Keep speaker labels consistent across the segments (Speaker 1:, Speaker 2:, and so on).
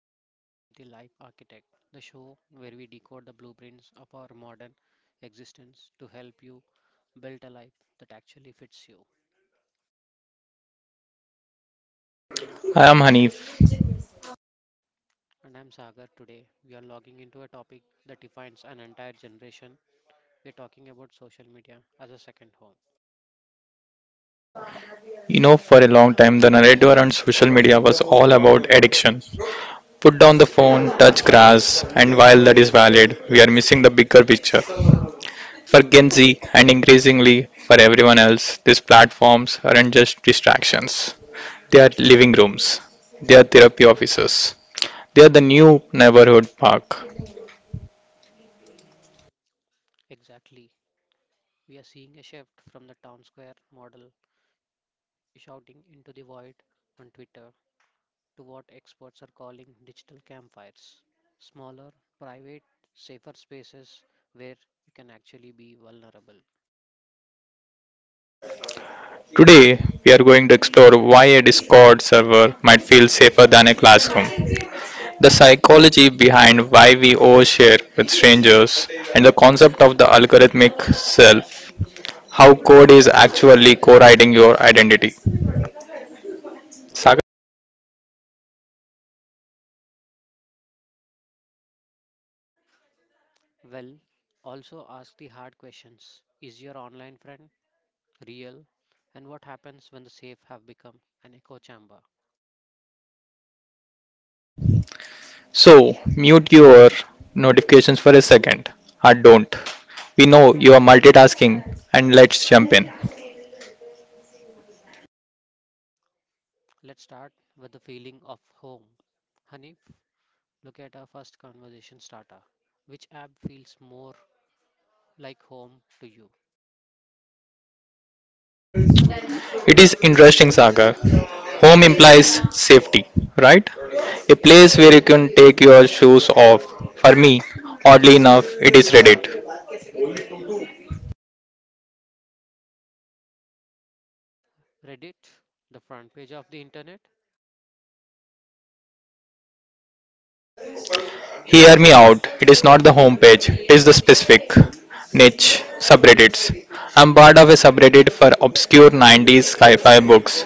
Speaker 1: you are listening to The Life Architect, the show where we decode the blueprints of our modern existence to help you build a life that actually fits you.
Speaker 2: I am Hanif.
Speaker 1: And I'm Sagar. Today, we are logging into a topic that defines an entire generation. We're talking about social media as a second home.
Speaker 2: You know, for a long time, the narrative around social media was all about addiction. Put down the phone, touch grass, and while that is valid, we are missing the bigger picture. For Gen Z, and increasingly for everyone else, these platforms aren't just distractions, they are living rooms, they are therapy offices, they are the new neighborhood park.
Speaker 1: Exactly. We are seeing a shift from the town square model shouting into the void on Twitter to what experts are calling digital campfires, smaller, private, safer spaces where you can actually be vulnerable.
Speaker 2: Today, we are going to explore why a Discord server might feel safer than a classroom, the psychology behind why we overshare with strangers, and the concept of the algorithmic self, how code is actually co writing your identity. Sagar?
Speaker 1: Well, also ask the hard questions. Is your online friend real? And what happens when the safe have become an echo chamber?
Speaker 2: So, mute your notifications for a second, or don't. We know you are multitasking, and let's jump in.
Speaker 1: Let's start with the feeling of home. Hanif, look at our first conversation starter. Which app feels more like home to you?
Speaker 2: It is interesting, Sagar. Home implies safety, right? A place where you can take your shoes off. For me, oddly enough, it is Reddit.
Speaker 1: Reddit, the front page of the internet.
Speaker 2: Hear me out. It is not the homepage, it is the specific niche subreddits. I'm part of a subreddit for obscure 90s sci fi books.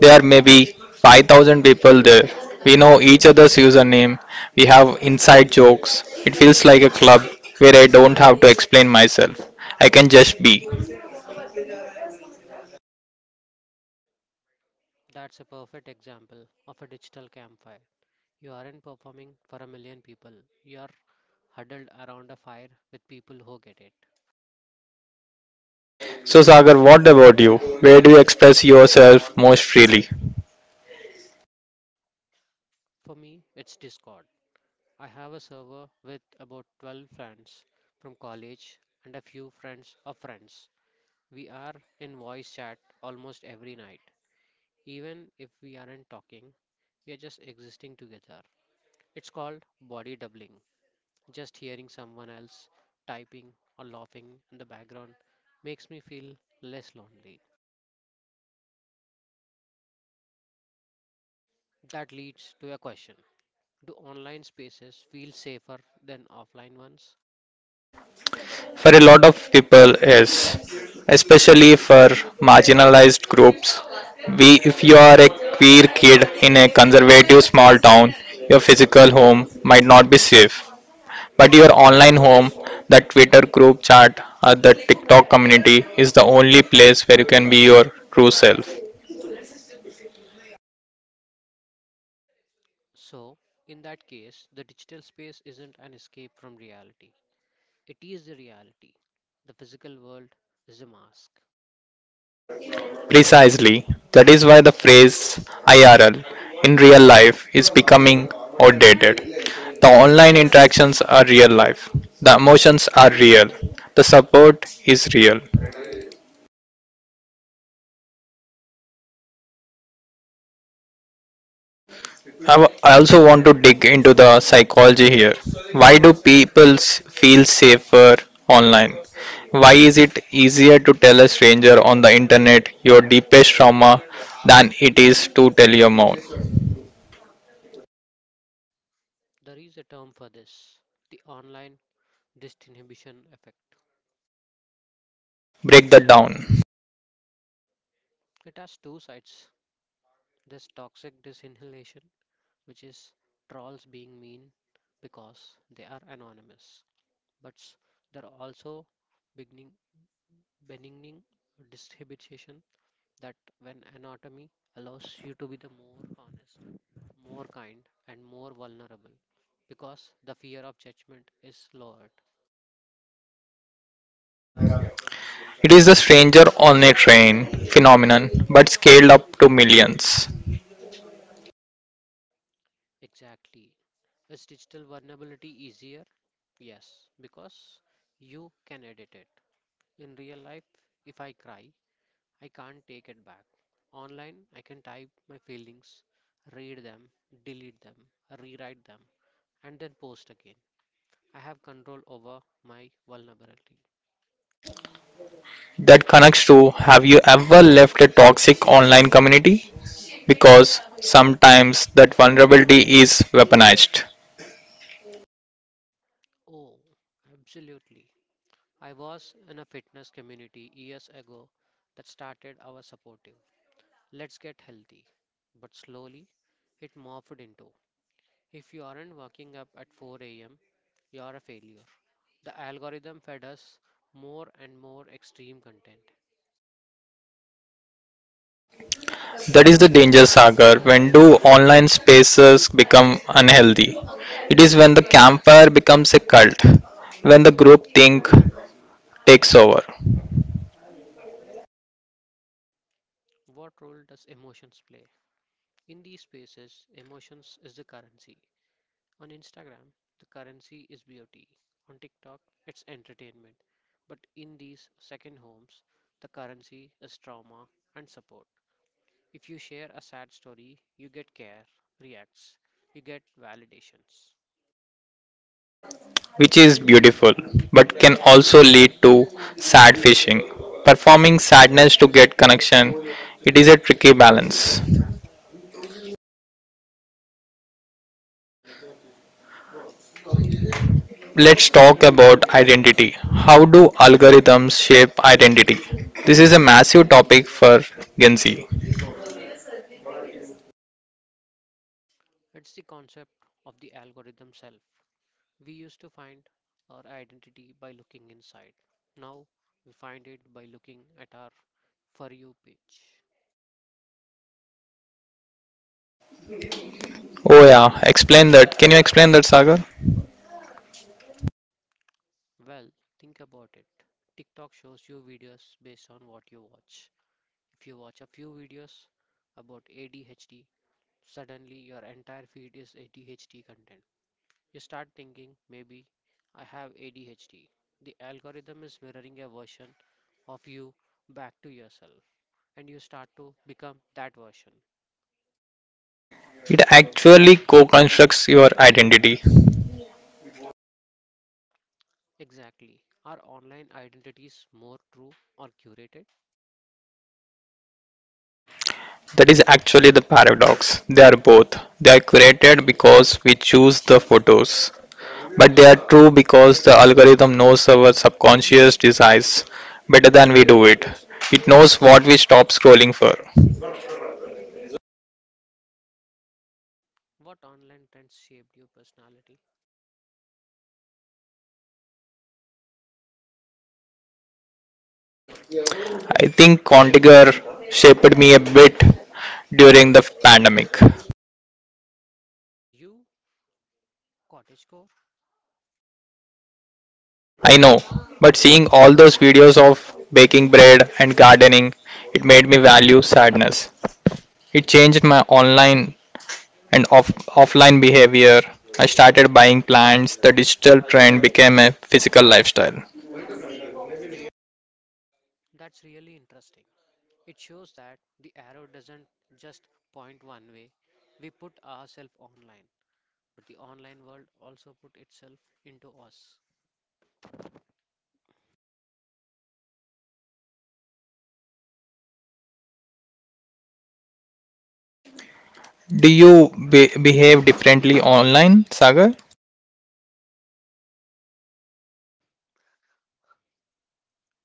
Speaker 2: There may be 5,000 people there. We know each other's username. We have inside jokes. It feels like a club where I don't have to explain myself. I can just be.
Speaker 1: That's a perfect example of a digital campfire. You aren't performing for a million people, you're huddled around a fire with people who get it.
Speaker 2: So, Sagar, what about you? Where do you express yourself most freely?
Speaker 1: For me, it's Discord. I have a server with about 12 friends from college and a few friends of friends. We are in voice chat almost every night. Even if we aren't talking, we are just existing together. It's called body doubling. Just hearing someone else typing or laughing in the background makes me feel less lonely. That leads to a question. Do online spaces feel safer than offline ones?
Speaker 2: For a lot of people, yes, especially for marginalized groups. We, if you are a queer kid in a conservative small town, your physical home might not be safe, but your online home, that Twitter group chat, or the TikTok community is the only place where you can be your true self.
Speaker 1: So, in that case, the digital space isn't an escape from reality, it is the reality. The physical world is a mask.
Speaker 2: Precisely. That is why the phrase IRL, in real life, is becoming outdated. The online interactions are real life. The emotions are real. The support is real. I also want to dig into the psychology here. Why do feel safer online? Why is it easier to tell a stranger on the internet your deepest trauma than it is to tell your mom?
Speaker 1: There is a term for this, the online disinhibition effect.
Speaker 2: Break that down.
Speaker 1: It has two sides. There's toxic disinhalation which is trolls being mean because they are anonymous. But s- there are also beginning benigning distribution that when anatomy allows you to be the more honest, more kind, and more vulnerable because the fear of judgment is lowered.
Speaker 2: It is the stranger on a train phenomenon, but scaled up to millions.
Speaker 1: Exactly. Is digital vulnerability easier? Yes, because you can edit it. In real life, if I cry, I can't take it back. Online, I can type my feelings, read them, delete them, rewrite them, and then post again. I have control over my vulnerability.
Speaker 2: That connects to, have you ever left a toxic online community? Because sometimes that vulnerability is weaponized.
Speaker 1: Oh, absolutely. I was in a fitness community years ago that started our supportive. Let's get healthy. But slowly, it morphed into, if you aren't waking up at 4 a.m., you're a failure. The algorithm fed us more and more extreme content.
Speaker 2: That is the danger, Sagar. When do online spaces become unhealthy? It is when the campfire becomes a cult, when the group think takes over.
Speaker 1: What role does emotions play? In these spaces, emotions is the currency. On Instagram, the currency is beauty. On TikTok, it's entertainment. But in these second homes, the currency is trauma and support. If you share a sad story, you get care, reacts, you get validations.
Speaker 2: Which is beautiful but can also lead to sad fishing. Performing sadness to get connection, it is a tricky balance. Let's talk about identity. How do algorithms shape identity? This is a massive topic for Gen Z.
Speaker 1: It's the concept of the algorithm self. We used to find our identity by looking inside. Now we find it by looking at our For You page.
Speaker 2: Oh, yeah, explain that. Can you explain that, Sagar?
Speaker 1: Well, think about it. TikTok shows you videos based on what you watch. If you watch a few videos about ADHD, suddenly your entire feed is ADHD content. You start thinking, maybe I have ADHD. The algorithm is mirroring a version of you back to yourself, and you start to become that version.
Speaker 2: It actually co constructs your identity.
Speaker 1: Exactly. Are online identities more true or curated?
Speaker 2: That is actually the paradox. They are both. They are created because we choose the photos, but they are true because the algorithm knows our subconscious desires better than we do it. It knows what we stop scrolling for.
Speaker 1: What online trends shaped your personality?
Speaker 2: I think Contiger shaped me a bit during the pandemic.
Speaker 1: You, cottagecore?
Speaker 2: I know, but seeing all those videos of baking bread and gardening, it made me value sadness. It changed my online and offline behavior. I started buying plants. The digital trend became a physical lifestyle.
Speaker 1: That's really interesting. It shows that the arrow doesn't just point one way. We put ourselves online, but the online world also put itself into us.
Speaker 2: Do you behave differently online, Sagar?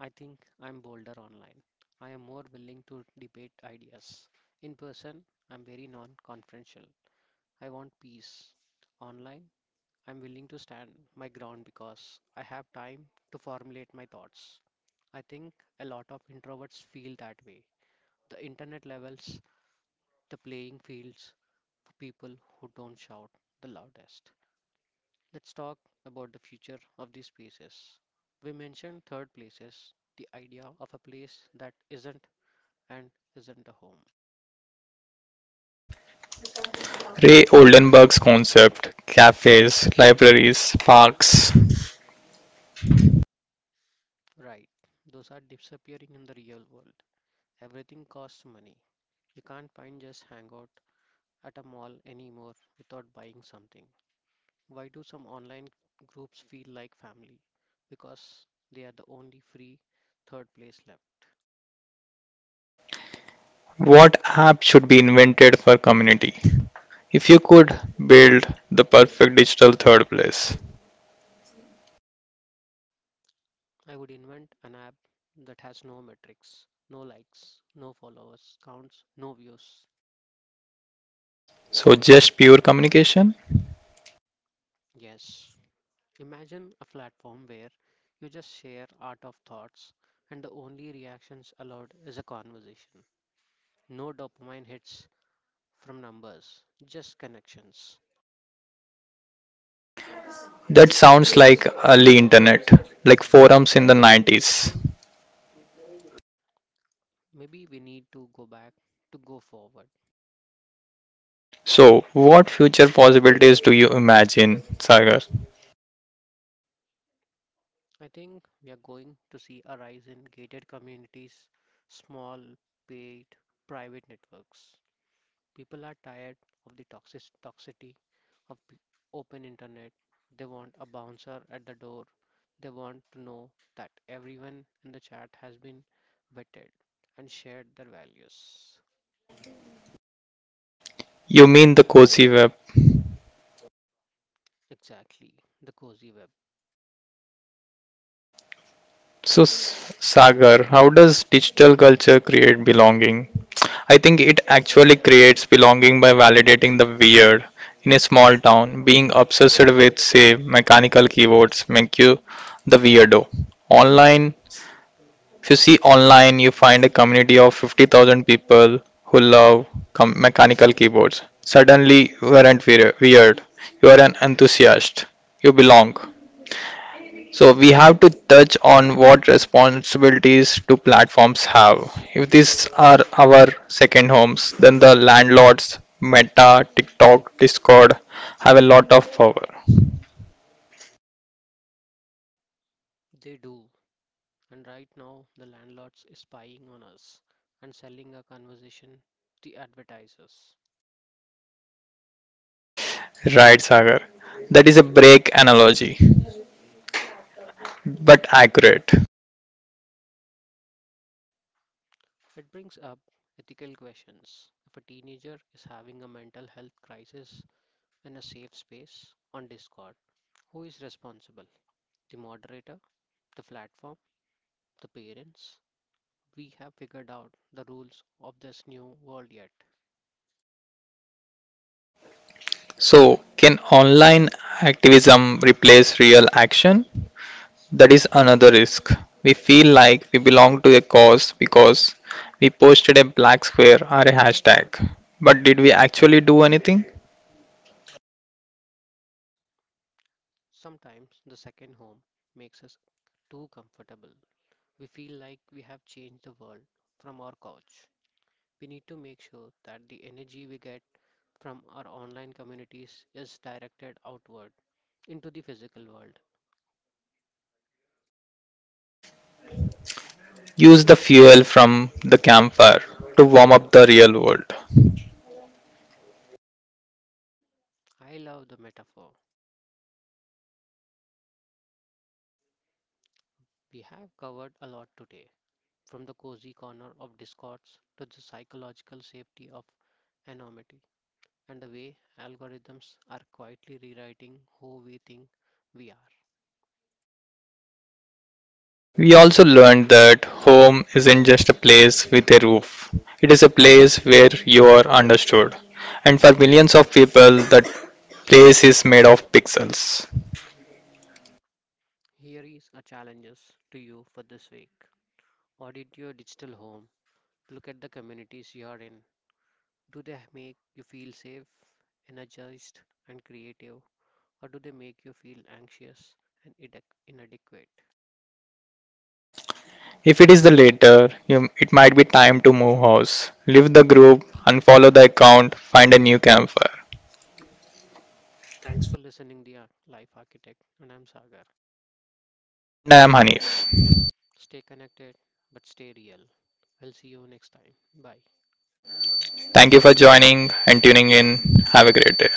Speaker 1: I think I'm bolder online. I am more willing to debate ideas. In person, I'm very non-confrontational. I want peace. Online, I'm willing to stand my ground because I have time to formulate my thoughts. I think a lot of introverts feel that way. The internet levels the playing fields for people who don't shout the loudest. Let's talk about the future of these spaces. We mentioned third places, the idea of a place that isn't and isn't a home.
Speaker 2: Ray Oldenburg's concept, cafes, libraries, parks.
Speaker 1: Right, those are disappearing in the real world. Everything costs money. You can't find just hangout at a mall anymore without buying something. Why do some online groups feel like family? Because they are the only free third place left.
Speaker 2: What app should be invented for community? If you could build the perfect digital third place.
Speaker 1: I would invent an app that has no metrics, no likes, no followers, counts, no views.
Speaker 2: So just pure communication?
Speaker 1: Yes. Imagine a platform where you just share art of thoughts and the only reactions allowed is a conversation. No dopamine hits from numbers, just connections.
Speaker 2: That sounds like early internet, like forums in the 90s.
Speaker 1: Maybe we need to go back to go forward.
Speaker 2: So what future possibilities do you imagine, Sagar?
Speaker 1: I think we are going to see a rise in gated communities, small, paid, private networks. People are tired of the toxic toxicity of open internet. They want a bouncer at the door. They want to know that everyone in the chat has been vetted and shared their values.
Speaker 2: You mean the cozy web?
Speaker 1: Exactly, the cozy web.
Speaker 2: So, Sagar, how does digital culture create belonging? I think it actually creates belonging by validating the weird. In a small town, being obsessed with, say, mechanical keyboards make you the weirdo. Online, if you see online, you find a community of 50,000 people who love mechanical keyboards. Suddenly, you aren't weird. You are an enthusiast. You belong. So we have to touch on what responsibilities do platforms have. If these are our second homes, then the landlords, Meta, TikTok, Discord, have a lot of power.
Speaker 1: They do. And right now, the landlords is spying on us and selling our conversation to advertisers.
Speaker 2: Right, Sagar. That is a break analogy, but accurate.
Speaker 1: It brings up ethical questions. If a teenager is having a mental health crisis in a safe space on Discord, who is responsible? The moderator, the platform, the parents? We have figured out the rules of this new world yet.
Speaker 2: So, can online activism replace real action? That is another risk. We feel like we belong to a cause because we posted a black square or a hashtag. But did we actually do anything?
Speaker 1: Sometimes the second home makes us too comfortable. We feel like we have changed the world from our couch. We need to make sure that the energy we get from our online communities is directed outward into the physical world.
Speaker 2: Use the fuel from the campfire to warm up the real world.
Speaker 1: I love the metaphor. We have covered a lot today, from the cozy corner of discords to the psychological safety of anonymity and the way algorithms are quietly rewriting who we think we are.
Speaker 2: We also learned that home isn't just a place with a roof, it is a place where you are understood. And for millions of people, that place is made of pixels.
Speaker 1: Here is a challenges to you for this week. Audit your digital home. Look at the communities you are in. Do they make you feel safe, energized, and creative, or do they make you feel anxious and inadequate?
Speaker 2: If it is the latter, you, it might be time to move house, leave the group, unfollow the account, find a new campfire.
Speaker 1: Thanks for listening, The Life Architect, and I'm Sagar.
Speaker 2: And I am Hanif.
Speaker 1: Stay connected, but stay real. I'll see you next time. Bye.
Speaker 2: Thank you for joining and tuning in. Have a great day.